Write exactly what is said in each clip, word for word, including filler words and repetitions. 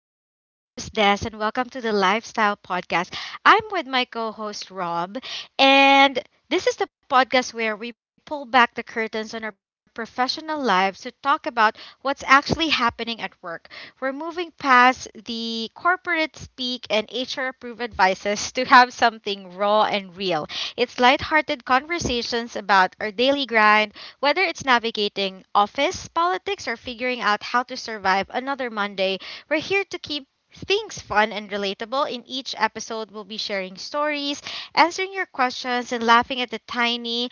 I'm your host, Des, and welcome to the Lifestyle Podcast. I'm with my co host, Rob, and this is the podcast where we pull back the curtains on our professional lives to talk about what's actually happening at work. We're moving past the corporate speak and H R approved advices to have something raw and real. It's lighthearted conversations about our daily grind, whether it's navigating office politics or figuring out how to survive another Monday. We're here to keep things fun and relatable. In each episode, we'll be sharing stories, answering your questions, and laughing at the tiny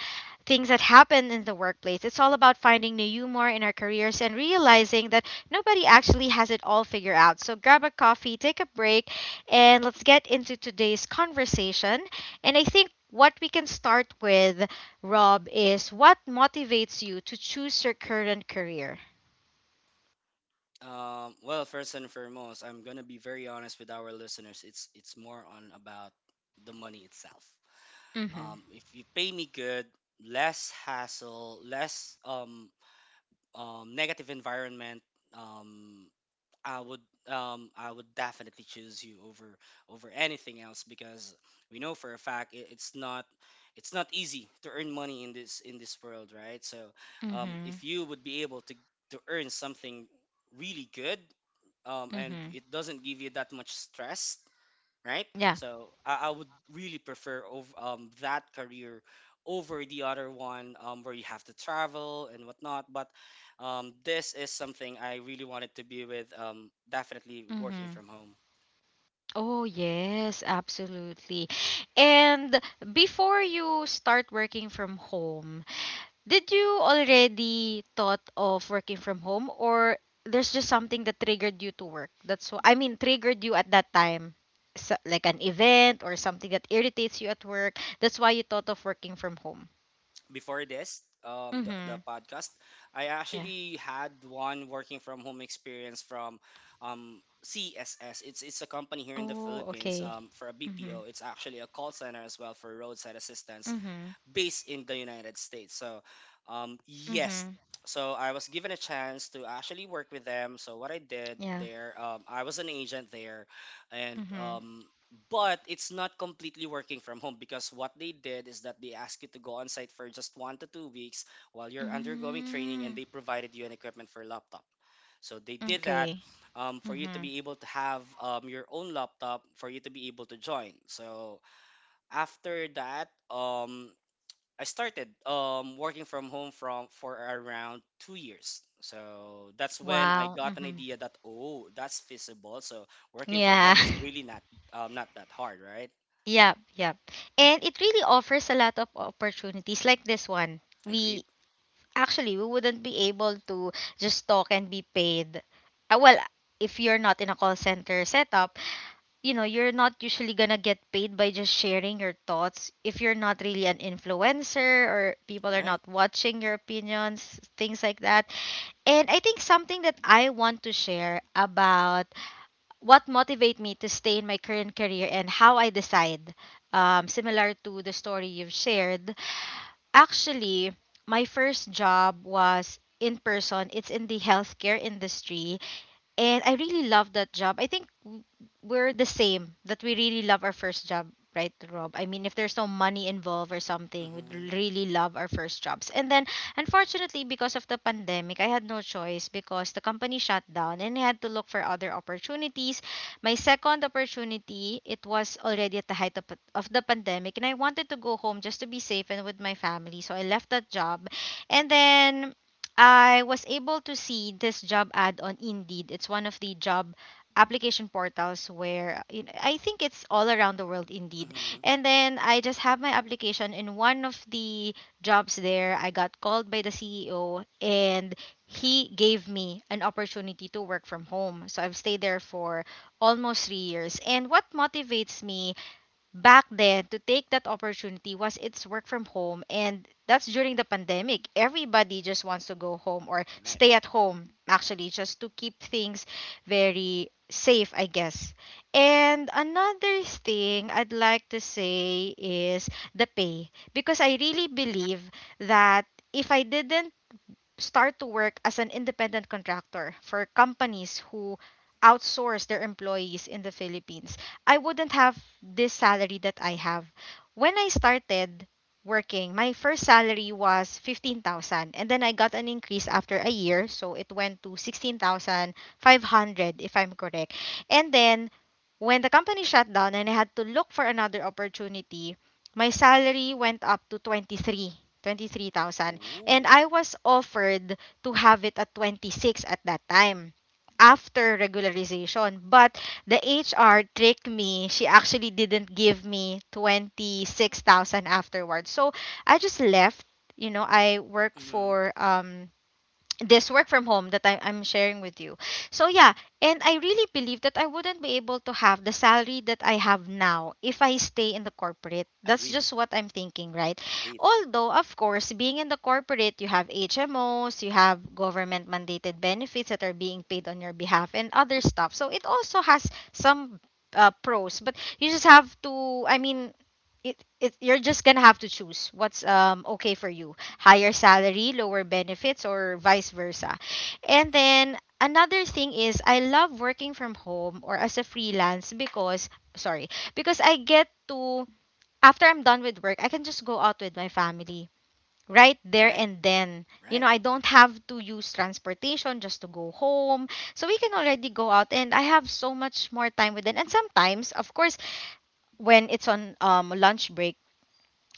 things that happen in the workplace. It's all about finding new humor in our careers and realizing that nobody actually has it all figured out. So grab a coffee, take a break, and let's get into today's conversation. And I think what we can start with, Rob, is what motivates you to choose your current career? Um, well, first and foremost, I'm gonna be very honest with our listeners. It's it's more on about the money itself. Hmm. Um, if you pay me good, less hassle, less um, um, negative environment. Um, I would um I would definitely choose you over over anything else because we know for a fact it, it's not it's not easy to earn money in this in this world, right? So um Hmm. if you would be able to to earn something really good um and Hmm. it doesn't give you that much stress, right? Yeah. So I, I would really prefer over, um, that career over the other one, um, where you have to travel and whatnot. But um, this is something I really wanted to be with, um, definitely working Hmm. from home. Oh, yes, absolutely. And before you start working from home, did you already thought of working from home, or there's just something that triggered you to work? That's what I mean, triggered you at that time. So, like an event or something that irritates you at work. That's why you thought of working from home. Before this, um, the, the Mhm. podcast, I Yeah. actually had one working from home experience from um, C S S. It's it's a company here in the Oh, Philippines, okay. um, for a Mhm. B P O. It's actually a call center as well for roadside assistance Mhm. based in the United States. So, um, yes. Mhm. So I was given a chance to actually work with them. So what I did Yeah. there, um, I was an agent there, and Mhm. um, but it's not completely working from home because what they did is that they asked you to go on site for just one to two weeks while you're undergoing training, Mm. and they provided you an equipment for laptop. So they did that, Okay. um, for you to Mhm. be able to have um, your own laptop for you to be able to join. So after that, um, I started um, working from home from for around two years. So that's when I Wow. got an Mhm. idea that, oh, that's feasible. So working from Yeah. home is really not, um, not that hard, right? Yep, yep. And it really offers a lot of opportunities like this one. Agreed. We actually, we wouldn't be able to just talk and be paid. Uh, well, if you're not in a call center setup, you know, you're not usually gonna get paid by just sharing your thoughts. If you're not really an influencer or people are Right. not watching your opinions, things like that. And I think something that I want to share about what motivate me to stay in my current career and how I decide, um, similar to the story you've shared. Actually, my first job was in person. It's in the healthcare industry. And I really love that job. I think w- we're the same, that we really love our first job, right, Rob? I mean, if there's no money involved or something, we'd Mm-hmm. really love our first jobs. And then, unfortunately, because of the pandemic, I had no choice because the company shut down and I had to look for other opportunities. My second opportunity, it was already at the height of, of the pandemic, and I wanted to go home just to be safe and with my family. So I left that job. And then I was able to see this job ad on Indeed. It's one of the job application portals where, you know, I think it's all around the world indeed. Mm-hmm. And then I just have my application in one of the jobs there. I got called by the C E O and he gave me an opportunity to work from home. So I've stayed there for almost three years. And what motivates me back then to take that opportunity was it's work from home, and that's during the pandemic everybody just wants to go home or Right. stay at home actually just to keep things very safe, I guess. And another thing I'd like to say is the pay, because I really believe that if I didn't start to work as an independent contractor for companies who outsource their employees in the Philippines, I wouldn't have this salary that I have. When I started working, my first salary was fifteen thousand, and then I got an increase after a year, so it went to sixteen thousand five hundred if I'm correct. And then when the company shut down and I had to look for another opportunity, my salary went up to twenty three, twenty three thousand. And Ooh. I was offered to have it at twenty-six at that time after regularization. But the H R tricked me. She actually didn't give me twenty-six thousand afterwards. So I just left. You know, I work Mm-hmm. for um this work from home that I, I'm sharing with you. So yeah, Mm-hmm. and I really believe that I wouldn't be able to have the salary that I have now if I stay in the corporate. That's Agreed. just what I'm thinking, right? Agreed. Although, of course, being in the corporate, you have H M Os, you have government mandated benefits that are being paid on your behalf and other stuff. So it also has some uh, pros, but you just have to, I mean, it, it, you're just gonna have to choose what's um okay for you, higher salary, lower benefits, or vice versa. And then another thing is I love working from home or as a freelance because, sorry, because I get to, after I'm done with work, I can just go out with my family right there Right. and then. You know, Right. I don't have to use transportation just to go home. So we can already go out and I have so much more time with them. And sometimes, of course, when it's on um lunch break,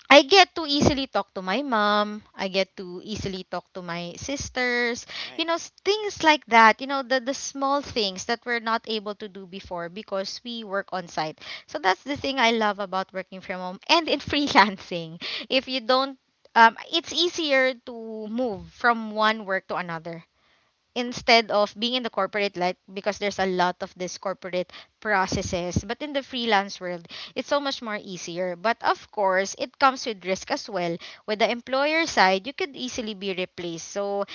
I get to easily talk to my mom. I get to easily talk to my sisters. You Right. know, s- things like that. You know, the the small things that we're not able to do before because we work on site. So that's the thing I love about working from home and in freelancing. If you don't um, it's easier to move from one work to another instead of being in the corporate life because there's a lot of this corporate Mm-hmm. processes, but in the freelance world it's so much more easier, but of course it comes with risk as well. With the employer side you could easily be replaced, so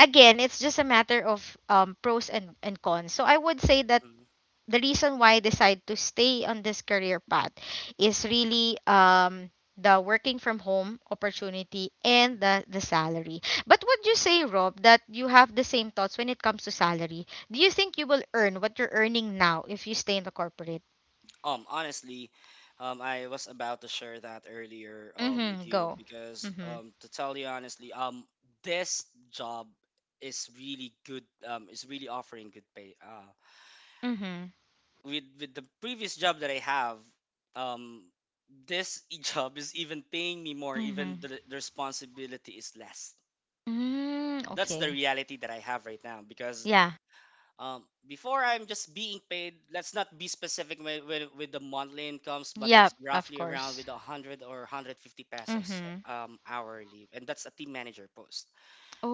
again it's just a matter of um, pros and, and cons. So I would say that Mm-hmm. the reason why I decide to stay on this career path is really um the working from home opportunity and Mm-hmm. the the salary. But would you say, Rob, that you have the same thoughts when it comes to salary? Do you think you will earn what you're earning now if you stay in the corporate? Um, honestly, um, I was about to share that earlier, um, with Mm-hmm. you Go. because, Mm-hmm. um, to tell you honestly, um, this job is really good. Um, is really offering good pay. Uh, Mm-hmm. with with the previous job that I have, um, this job is even paying me more. Mm-hmm. Even the, the responsibility is less. Mm, That's the okay. reality that I have right now because, Yeah. Um, before, I'm just being paid, let's not be specific with, with, with the monthly incomes, but Yep, it's of roughly around course. with one hundred or one hundred fifty pesos Mm-hmm. uh, um, hourly. And that's a team manager post.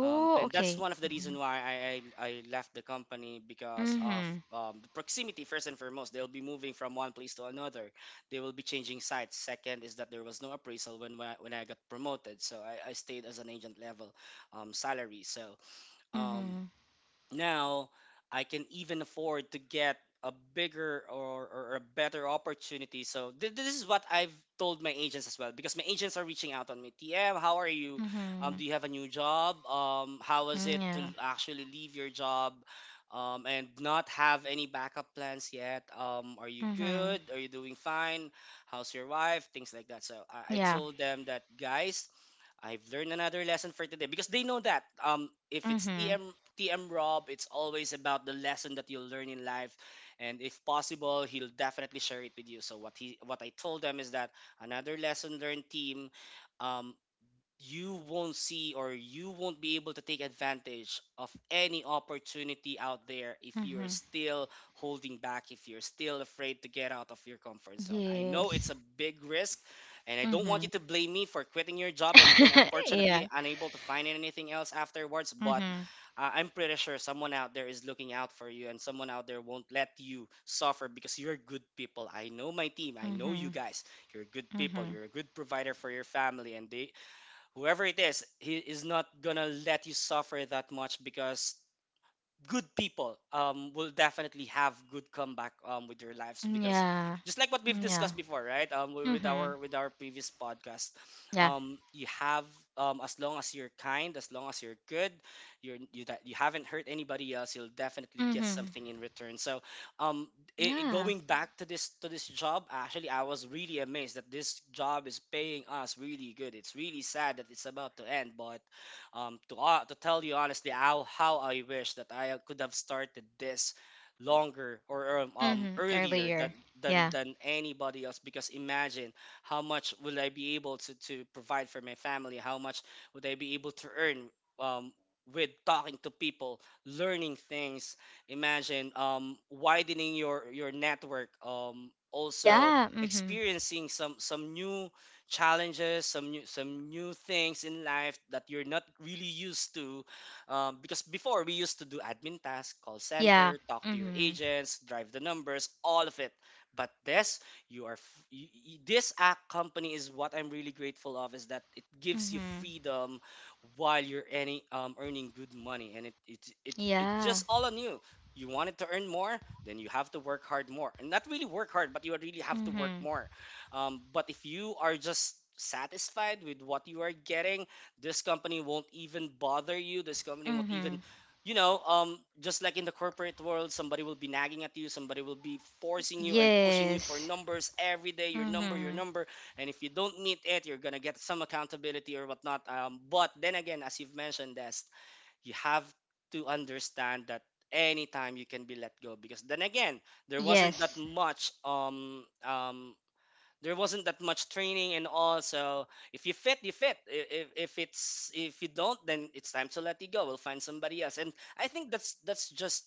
Um, and that's okay. one of the Mm-hmm. reason why I, I, I left the company because of, Mm-hmm. um, the proximity, first and foremost. They'll be moving from one place to another. They will be changing sites. Second is that there was no appraisal when, when, I, when I got promoted. So I, I stayed as an agent level, um, salary. So um, Mm-hmm. now I can even afford to get a bigger, or, or a better opportunity. So th- this is what I've told my agents as well because my agents are reaching out on me. T M, how are you? Um, Mm-hmm. Do you have a new job? Um, how was it Mm, yeah. to actually leave your job? Um, and not have any backup plans yet. Um, are you Mhm. good? Are you doing fine? How's your wife? Things like that. So I, I Yeah. told them that, guys, I've learned another lesson for today because they know that um if it's Mhm. T M T M Rob, it's always about the lesson that you'll learn in life, and if possible, he'll definitely share it with you. So what he what I told them is that another lesson learned, team. Um, you won't see or you won't be able to take advantage of any opportunity out there if you're Mhm. still holding back, if you're still afraid to get out of your comfort zone. I know it's Yes. a big risk, and I don't want you Mhm. to blame me for quitting your job and then Yeah. unfortunately unable to find anything else afterwards, but Mhm. uh, I'm pretty sure someone out there is looking out for you and someone out there won't let you suffer because you're good people. I know my team, I know you Mhm. guys, you're good people, Mhm. you're a good provider for your family, and they, whoever it is, he is not gonna let you suffer that much because good people, um, will definitely have good comeback, um, with their lives because Yeah. just like what we've Yeah. discussed before, right, um, wi- with Mhm. our with our previous podcast, Yeah. um, you have, um, as long as you're kind, as long as you're good, you're you that you haven't hurt anybody else, you'll definitely get Mhm. something in return. So um, i i- Yeah. going back to this to this job, actually, I was really amazed that this job is paying us really good. It's really sad that it's about to end, but um, to uh, to tell you honestly, how how I wish that I could have started this longer, or um, um Mhm. earlier than Earlier. than Yeah. than anybody else because imagine how much will I be able to to provide for my family, how much would I be able to earn um with talking to people, learning things, imagine um widening your your network, um also Yeah. Mhm. experiencing some some new challenges, some new, some new things in life that you're not really used to. Um, because before, we used to do admin tasks, call Yeah. center, talk to your Mhm. agents, drive the numbers, all of it. But this, you are f- y- y- this act company is what I'm really grateful of, is that it gives you Mhm. freedom while you're any um, earning good money, and it it it it's just Yeah. all on you. You wanted to earn more, then you have to work hard more, and not really work hard, but you really have to work Mhm. more, um, but if you are just satisfied with what you are getting, this company won't even bother you. This company won't even, Mhm. you know, um, just like in the corporate world, somebody will be nagging at you, somebody will be forcing you and pushing you for Yes. numbers every day, your number, your Mhm. number. And if you don't meet it, you're gonna get some accountability or whatnot. Um, but then again, as you've mentioned, Des, you have to understand that anytime you can be let go because then again there wasn't that Yes. much um um there wasn't that much training and all. So if you fit, you fit. I- If, if it's, if you don't, then it's time to let you go. We'll find somebody else. And I think that's that's just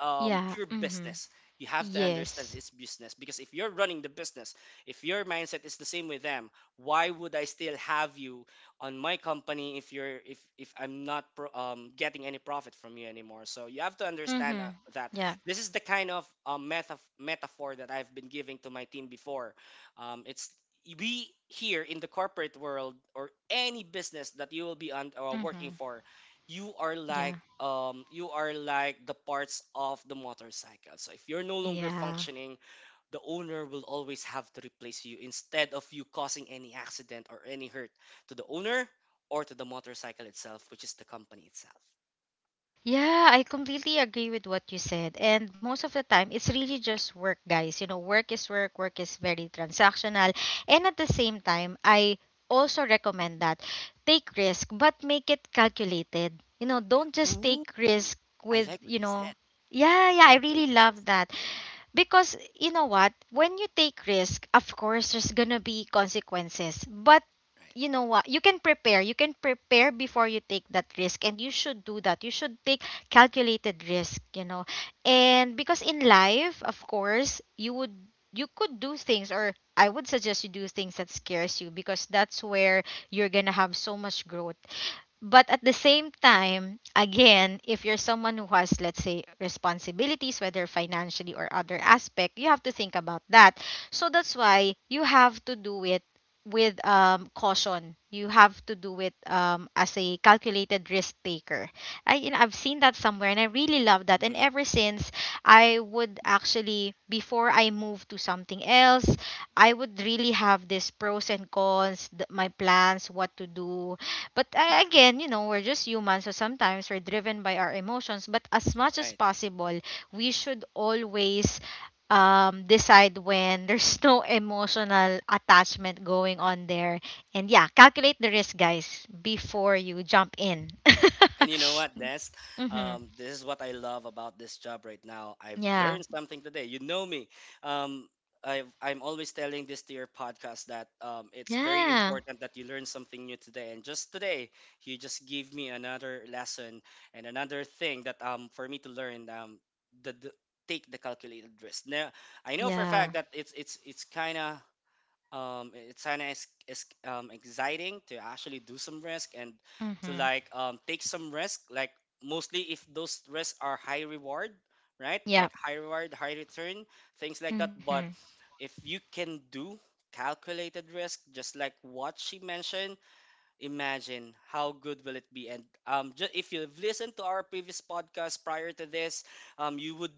um, Yeah. pure Mhm. business. You have to understand Yes. it's business because if you're running the business, if your mindset is the same with them, why would I still have you on my company if you're if if I'm not pro, um, getting any profit from you anymore? So you have to understand uh, Mhm. that Yeah. this is the kind of, um, meta- metaphor that I've been giving to my team before. Um, it's, we here in the corporate world or any business that you will be on, uh, working Mhm. for, you are Yeah. like, um you are like the parts of the motorcycle. So if you're no longer Yeah. functioning, the owner will always have to replace you instead of you causing any accident or any hurt to the owner or to the motorcycle itself, which is the company itself. Yeah, I completely agree with what you said. And most of the time, it's really just work, guys. You know, work is work, work is very transactional. And at the same time, I also recommend that take risk, but make it calculated. You know, don't just take Ooh, risk I with, like what you you know, said. yeah, yeah, I Calculated really love risk. that. Because you know what, when you take risk of course there's gonna be consequences, but Right. you know what, you can prepare, you can prepare before you take that risk, and you should do that. You should take calculated risk, you know. And because in life, of course, you would, you could do things, or I would suggest you do things that scares you because that's where you're gonna have so much growth. But at the same time, again, if you're someone who has, let's say, responsibilities, whether financially or other aspect, you have to think about that. So that's why you have to do it with um, caution. You have to do it um, as a calculated risk taker. I, you know, I've seen that somewhere and I really love that. And Hmm. ever since, I would actually, before I move to something else, I would really have this pros and cons, th- my plans, what to do, but uh, again, you know, we're just human, so sometimes we're driven by our emotions. But as much as Right. possible, we should always um, decide when there's no emotional attachment going Right. on there. And yeah, calculate the risk, guys, before you jump in. And you know what, Des? Mm-hmm. Um, this is what I love about this job right now. I've Yeah. learned something today. You know me. Um, I've, I'm always telling this to your podcast that um, it's very Yeah. important that you learn something new today. And just today, you just give me another lesson and another thing that, um, for me to learn. Um, the, the take the calculated risk. Now I know for a Yeah. fact that it's it's it's kind of, um it's kind of is um exciting to actually do some risk and to, Mm-hmm. like, um take some risk, like, mostly if those risks are high reward, right, Yeah. like high reward, high return, things like that. Mm-hmm. But if you can do calculated risk, just like what she mentioned, imagine how good will it be. And um just, if you've listened to our previous podcast prior to this, um you would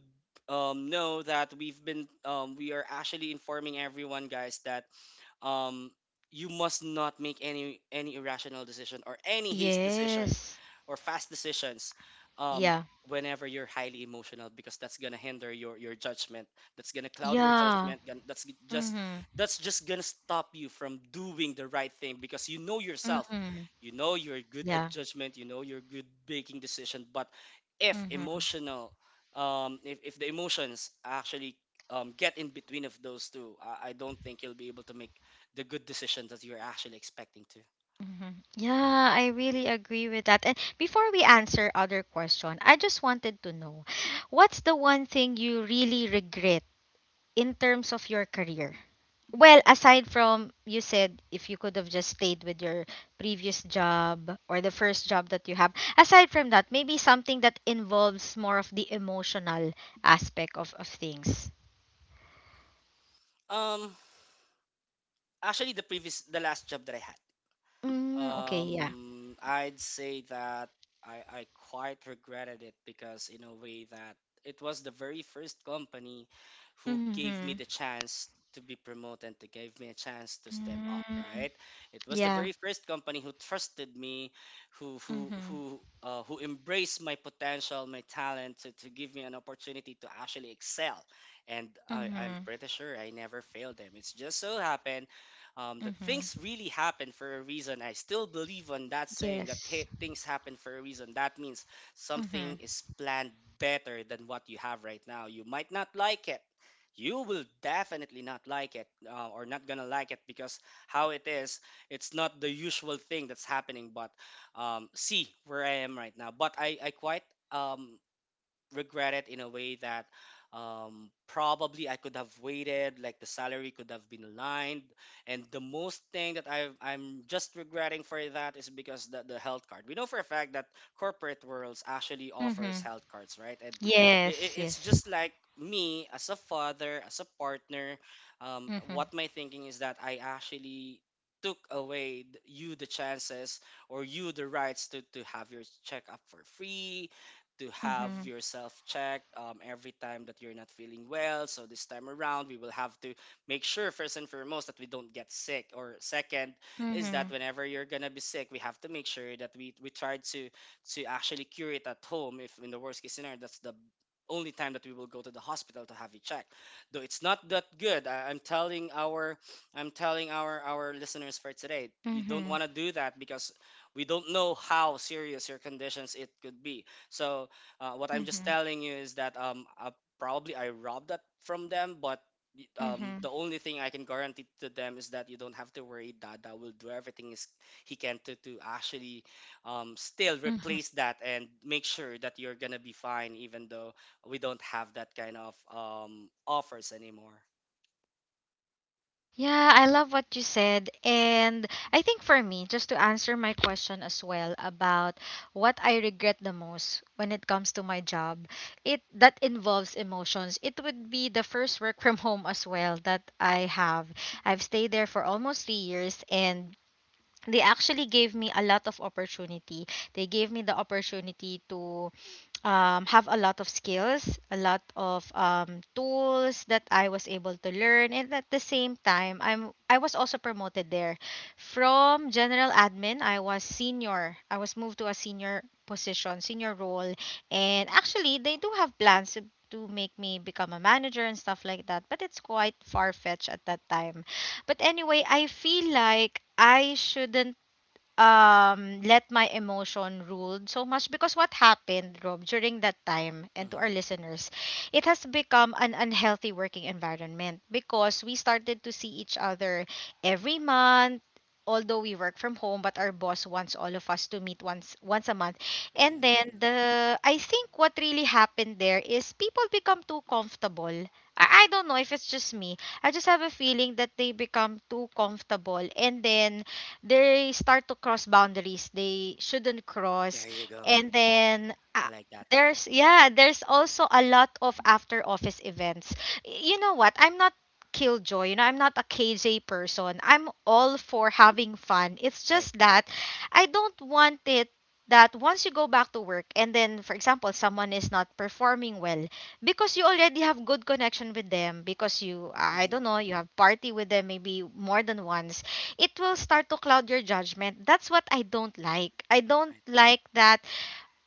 um, know that we've been, um, we are actually informing everyone, guys, that um, you must not make any any irrational decision or any haste decision Yes. or fast decisions, um, Yeah. whenever you're highly emotional because that's gonna hinder your your judgment. That's gonna cloud your Yeah. judgment. gon- That's g- just Mm-hmm. that's just gonna stop you from doing the right thing because you know yourself. Mm-hmm. You know you're good Yeah. at judgment. You know you're good making decision. But if Mm-hmm. emotional, um, if if the emotions actually um, get in between of those two, I, I don't think you'll be able to make the good decisions that you're actually expecting to. Mhm. Yeah, I really agree with that. And before we answer other question, I just wanted to know, what's the one thing you really regret in terms of your career? Well, aside from, you said, if you could have just stayed with your previous job or the first job that you have, aside from that, maybe something that involves more of the emotional aspect of, of things. Um, actually, the previous, the last job that I Mm, okay, yeah. Um, I'd say that I, I quite regretted it because, in a way, that it was the very first company who gave Mm-hmm. me the chance to be promoted and to gave me a chance to step up, Mm, right? It was the yeah. very first company who trusted me, who who Mm-hmm. who uh, who embraced my potential, my talent to, to give me an opportunity to actually excel. And I, Mm-hmm. I'm pretty sure I never failed them. It's just so happened um, that Mm-hmm. things really happen for a reason. I still believe on that saying that Yes. hey, things happen for a reason. That means Mhm. something is planned better than what you have right now. You might not like it. You will definitely not like it uh, or not gonna like it because how it is, it's not the usual thing that's happening. But um, see where I am right now. But I, I quite um, regret it in a way that um, probably I could have waited, like the salary could have been aligned. And the most thing that I've, I'm just regretting for that is because the, the health card. We know for a fact that corporate worlds actually Mhm. offers health cards, right? And Yes. it, it's Yes. just like me as a father, as a partner, um, Mhm. what my thinking is that I actually took away th- you the chances or you the rights to, to have your checkup for free to have Mhm. yourself checked um, every time that you're not feeling well. So this time around, we will have to make sure first and foremost that we don't get sick. Or second is that Mhm. whenever you're gonna be sick, we have to make sure that we we try to to actually cure it at home. If in the worst case scenario, that's the only time that we will go to the hospital to have it checked. Though it's not that good. I, I'm telling our I'm telling our our listeners for today, you don't Mhm. want to do that because we don't know how serious your conditions it could be. So uh, what I'm just Mhm. telling you is that um, uh, probably I robbed that from them, but y- um, Mhm. the only thing I can guarantee to them is that you don't have to worry. Dada will do everything is he can to to actually um, still Mhm. replace that and make sure that you're gonna be fine, even though we don't have that kind of um, offers anymore. Yeah, I love what you said. And I think for me, just to answer my question as well about what I regret the most when it comes to my job, it that involves emotions. It would be the first work from home as well that I have. I've stayed there for almost three years, and they actually gave me a lot of opportunity. They gave me the opportunity to um, have a lot of skills, a lot of um, tools that I was able to learn, and at the same time, I'm I was also promoted there. From general admin, I was senior. I was moved to a senior position, senior role, and actually, they do have plans. to to make me become a manager and stuff like that, but it's quite far fetched at that time. But anyway, I feel like I shouldn't um let my emotion rule so much, because what happened, Rob, during that time, and to our Mm-hmm. listeners, it has become an unhealthy working environment because we started to see each other every month. Although we work from home, but our boss wants all of us to meet once once a month. And then Ooh, the I think what really happened there is people become too comfortable. I, I don't know if it's just me. I just have a feeling that they become too comfortable, and then they start to cross boundaries they shouldn't cross. there you go. And then uh, I like that. there's, yeah, there's also a lot of after office events. Y- you know what, I'm not killjoy, you know, I'm not a KJ person, I'm all for having fun. It's Right. just that I don't want it, that once you go back to work and then, for example, someone is not performing well because you already have good connection with them, because you, I don't Mm-hmm. know, you have party with them maybe more than once, it will start to cloud your judgment. That's what I don't like. I don't Right. like that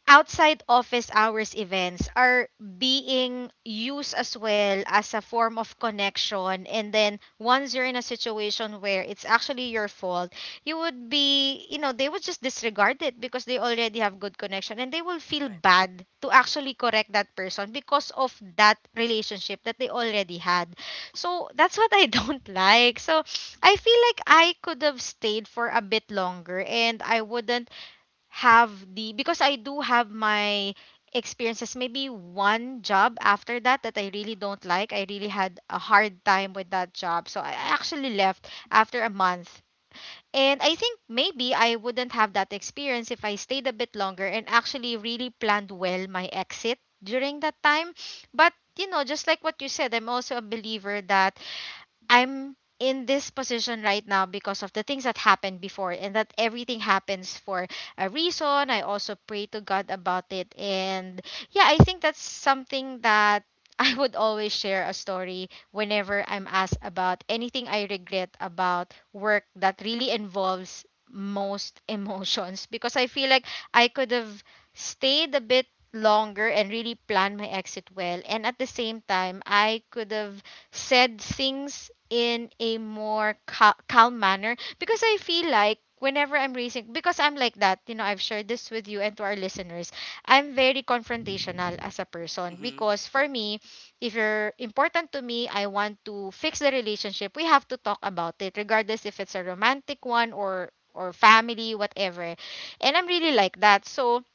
outside office hours events are being used as well as a form of connection, and then once you're in a situation where it's actually your fault, you would be, you know, they would just disregard it because they already have good connection, and they will feel Right. bad to actually correct that person because of that relationship that they already had. So that's what I don't like. So I feel like I could have stayed for a bit longer, and I wouldn't have the, because I do have my experiences, maybe one job after that that I really don't like. I really had a hard time with that job, so I actually left after a month. And I think maybe I wouldn't have that experience if I stayed a bit longer and actually really planned well my exit during that time. But you know, just like what you said, I'm also a believer that I'm in this position right now because of the things that happened before, and that everything happens for a reason. I also pray to God about it. And yeah, I think that's something that I would always share a story whenever I'm asked about anything I regret about work that really involves most emotions, because I feel like I could have stayed a bit longer and really planned my exit well, and at the same time I could have said things in a more cal- calm manner. Because I feel like whenever I'm raising, because I'm like that, you know, I've shared this with you and to our listeners. I'm very confrontational as a person Mm-hmm. because for me, if you're important to me, I want to fix the relationship. We have to talk about it regardless if it's a romantic one or or family, whatever. And I'm really like that. So,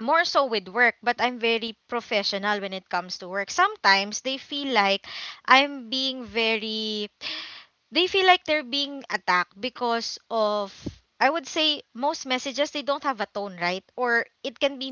more so with work, but I'm very professional when it comes to work. Sometimes they feel like I'm being very, they feel like they're being attacked because of, I would say, most messages, they don't have a tone, right? Or it can be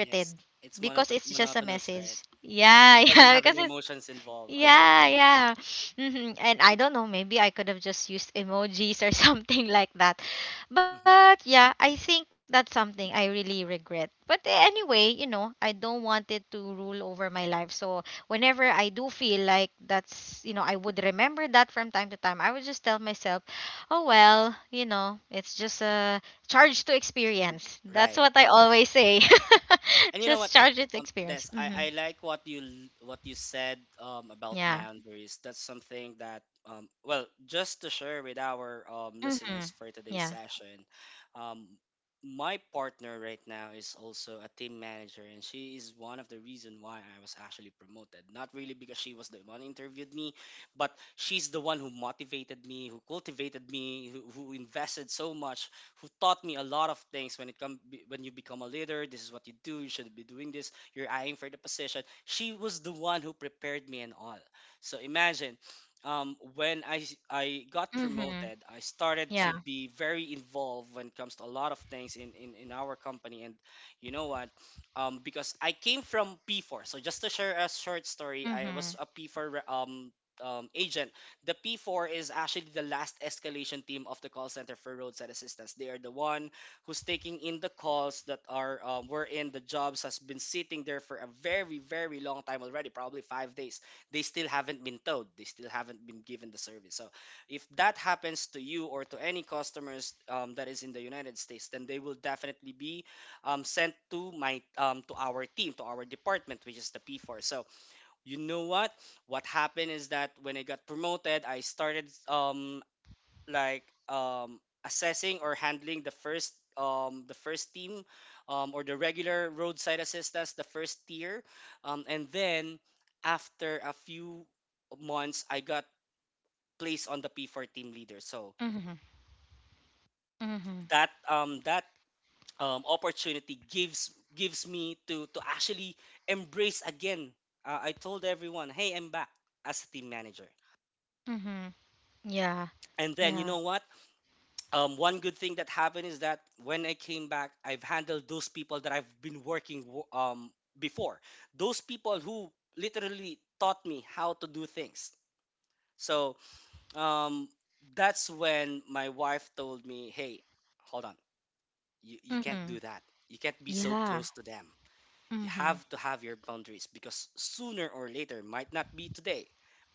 Yes. It's because monoto- it's just a monotonous, message. right? Yeah, It doesn't yeah, have because any it's emotions involved, unlike yeah, voice. yeah. hmm And I don't know, maybe I could have just used emojis or something like that. But Hmm. yeah, I think that's something I really regret. But eh, anyway, you know, I don't want it to rule over my life. So whenever I do feel like that's, you know, I would remember that from time to time, I would just tell myself, oh, well, you know, it's just a charge to experience. That's Right, what I always say. right. And you know Just what? charge it to Um, Des, experience. I, I Hmm. like what you l- what you said um, about Yeah. boundaries. That's something that um, well, just to share with our um, Hmm. listeners for today's Yeah. session, um, my partner right now is also a team manager, and she is one of the reason why I was actually promoted. Not really because she was the one who interviewed me, but she's the one who motivated me, who cultivated me, who, who invested so much who taught me a lot of things when it come be- when you become a leader, this is what you do, you should be doing this, you're eyeing for the position. She was the one who prepared me and all. So imagine um, when I, s- I got Mm-hmm. promoted, I started Yeah. to be very involved when it comes to a lot of things in, in, in our company. And you know what? Um, because I came from P four. So just to share a short story, I Mm-hmm. was a P four re- um, um, agent. The P four is actually the last escalation team of the call center for roadside assistance. They are the one who's taking in the calls that are um, wherein the jobs has been sitting there for a very very long time already, probably five days. They still haven't been towed. They still haven't been given the service. So if that happens to you or to any customers um, that is in the United States, then they will definitely be um, sent to my um, to our team to our department, which is the P four. So you know what what happened is that when I got promoted I started um like um assessing or handling the first um the first team um or the regular roadside assistance, the first tier, um and then after a few months I got placed on the P four team leader. So Mm-hmm. Mm-hmm. that um that um opportunity gives gives me to to actually embrace again. uh, I told everyone, hey, I'm back as a team manager. Mm-hmm. Yeah. And then you Yeah. know what? Um, one good thing that happened is that when I came back, I've handled those people that I've been working w- um, before. Those people who literally taught me how to do things. So um, that's when my wife told me, "Hey, hold on, you, you can't Mm-hmm. do that. You can't be so Yeah. close to them." You have Mm-hmm. to have your boundaries because sooner or later might not be today,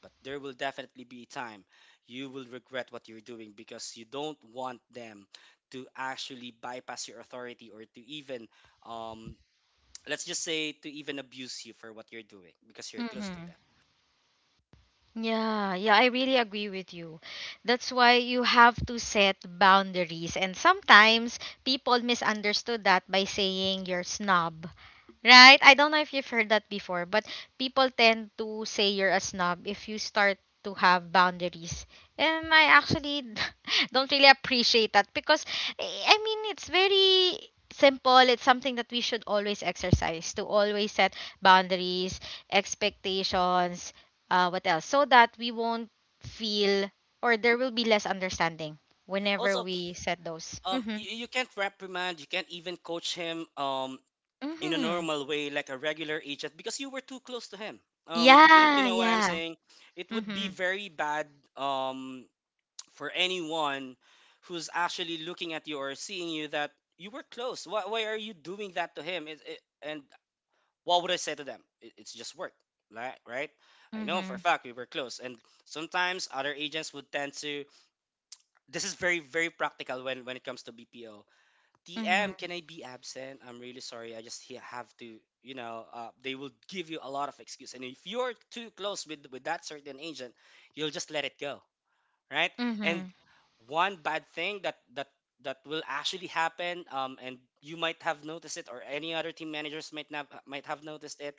but there will definitely be a time you will regret what you're doing because you don't want them to actually bypass your authority or to even um let's just say to even abuse you for what you're doing because you're close to Mm-hmm. them Yeah, yeah, I really agree with you. That's why you have to set boundaries. And sometimes people misunderstood that by saying you're snob. Right? I don't know if you've heard that before, but people tend to say you're a snob if you start to have boundaries. And I actually don't really appreciate that because eh, I mean it's very simple. It's something that we should always exercise, to always set boundaries, expectations, uh, what else? So that we won't feel, or there will be less understanding whenever also. we set those. um Mm-hmm. You, you can't reprimand, you can't even coach him um in a Mm-hmm. normal way like a regular agent because you were too close to him. Um if you Yeah, know what I'm yeah. saying, it would be Mm-hmm. very bad um for anyone who's actually looking at you or seeing you that you were close. Why, why are you doing that to him? It, it, and what would I say to them? It, it's just work, right? Right. I know for Mm-hmm. a fact we were close. And sometimes other agents would tend to, this is very very practical when when it comes to bpo, D M, Mm-hmm. can I be absent? I'm really sorry. I just he- have to, you know, uh, they will give you a lot of excuse. And if you're too close with with that certain agent, you'll just let it go, right? And Mm-hmm. one bad thing that that that will actually happen, um, and you might have noticed it, or any other team managers might not might have noticed it,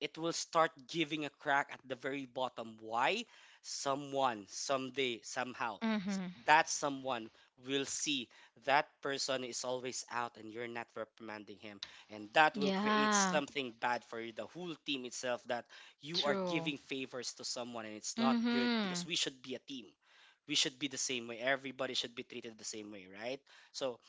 it will start giving a crack at the very bottom. Why? Someone, someday, somehow, s- Mm-hmm. that someone will see that person is always out and you're not reprimanding him. And that will create Yeah, something bad for you, the whole team itself, that you are true. giving favors to someone, and it's not good Mm-hmm. because we should be a team. We should be the same way. Everybody should be treated the same way, right? So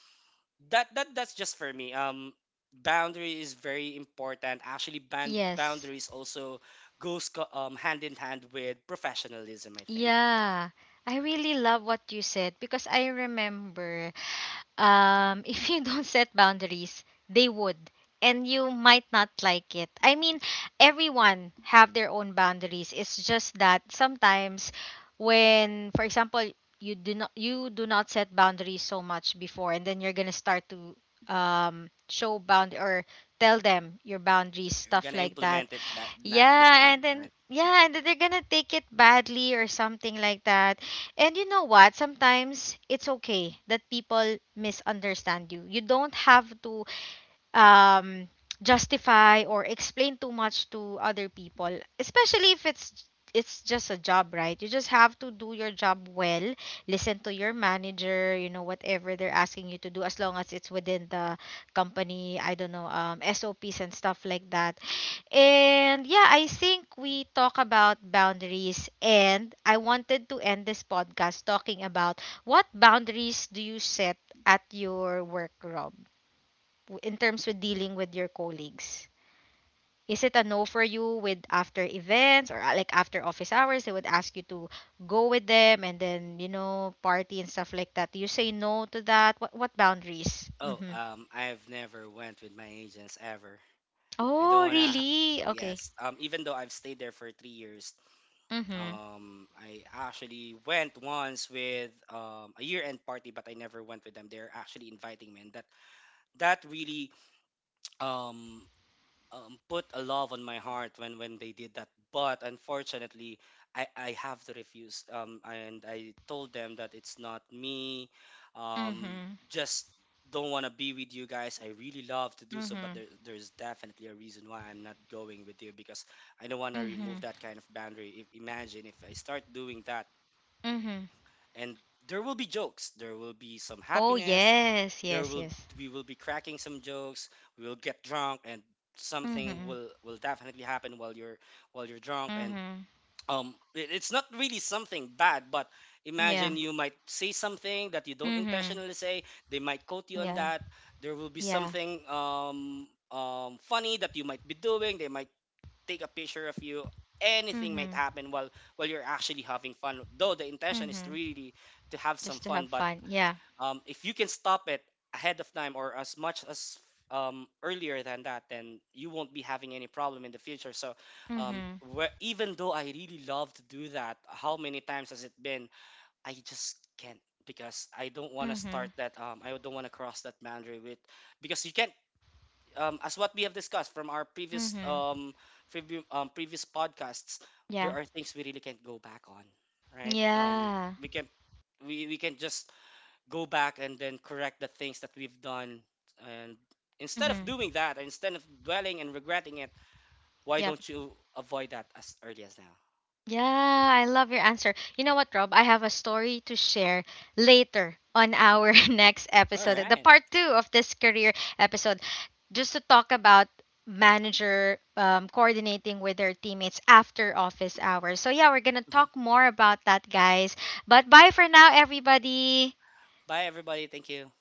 that that that's just for me. Um, boundary is very important. Actually, band Yes. boundaries also goes co- um hand in hand with professionalism, I think. Yeah. I really love what you said, because I remember, um, if you don't set boundaries, they would, and you might not like it. I mean, everyone have their own boundaries. It's just that sometimes when, for example, you do not you do not set boundaries so much before, and then you're gonna start to um show bound or tell them your boundaries, We're stuff gonna like that. implement it that not this Yeah, time, and then right? yeah, and then they're gonna take it badly or something like that. And you know what? Sometimes it's okay that people misunderstand you. You don't have to um, justify or explain too much to other people, especially if it's, it's just a job, right? You just have to do your job well, listen to your manager, you know, whatever they're asking you to do, as long as it's within the company, I don't know, um, S O Ps and stuff like that. And yeah, I think we talk about boundaries, and I wanted to end this podcast talking about what boundaries do you set at your work, Rob? W- in terms with dealing with your colleagues? Is it a no for you with after events, or uh, like after office hours? They would ask you to go with them and then, you know, party and stuff like that. Do you say no to that? What, what boundaries? Oh, Mm-hmm. um, I've never went with my agents ever. I don't Oh, wanna. Ha. really? Okay. Yes. Um, even though I've stayed there for three years, Mm-hmm. um, I actually went once with um a year-end party, but I never went with them. They're actually inviting me, and that that really um um, put a love on my heart when when they did that. But unfortunately, I I have to refuse. Um, and I told them that it's not me. Um, Mm-hmm. just don't want to be with you guys. I really love to do so, but Mm-hmm. there there's definitely a reason why I'm not going with you because I don't want to Mm-hmm. remove that kind of boundary. If, imagine if I start doing that Mm-hmm. and there will be jokes, there will be some Oh, happiness, yes. there Yes, will yes. we will be cracking some jokes, we will get drunk, and something Mm-hmm. will will definitely happen while you're while you're drunk. And Mm-hmm. um it, it's not really something bad, but imagine Yeah. you might say something that you don't Mm-hmm. intentionally say, they might quote you on Yeah. that. There will be Yeah. something um um funny that you might be doing, they might take a picture of you. Anything might Mm-hmm. happen while while you're actually having fun, though the intention is Mm-hmm. really to have some Just to fun. have But fun. Yeah. um, if you can stop it ahead of time or as much as um, earlier than that, then you won't be having any problem in the future. So um, Mm-hmm. where, even though I really love to do that, how many times has it been, I just can't because I don't want to start Mhm. that. um, I don't want to cross that boundary with because you can't um, as what we have discussed from our previous Mhm. um, previ- um previous podcasts, Yeah. there are things we really can't go back on, right? Um, Yeah. we can we we can just go back and then correct the things that we've done, and instead of Mhm. doing that, instead of dwelling and regretting it, why Yep. don't you avoid that as early as now? Yeah, I love your answer. You know what, Rob? I have a story to share later on our next All episode, the right. part two of this career episode, just to talk about manager um, coordinating with their teammates after office hours. So yeah, we're going to Mhm. talk more about that, guys. But bye for now, everybody. Bye, everybody. Thank you.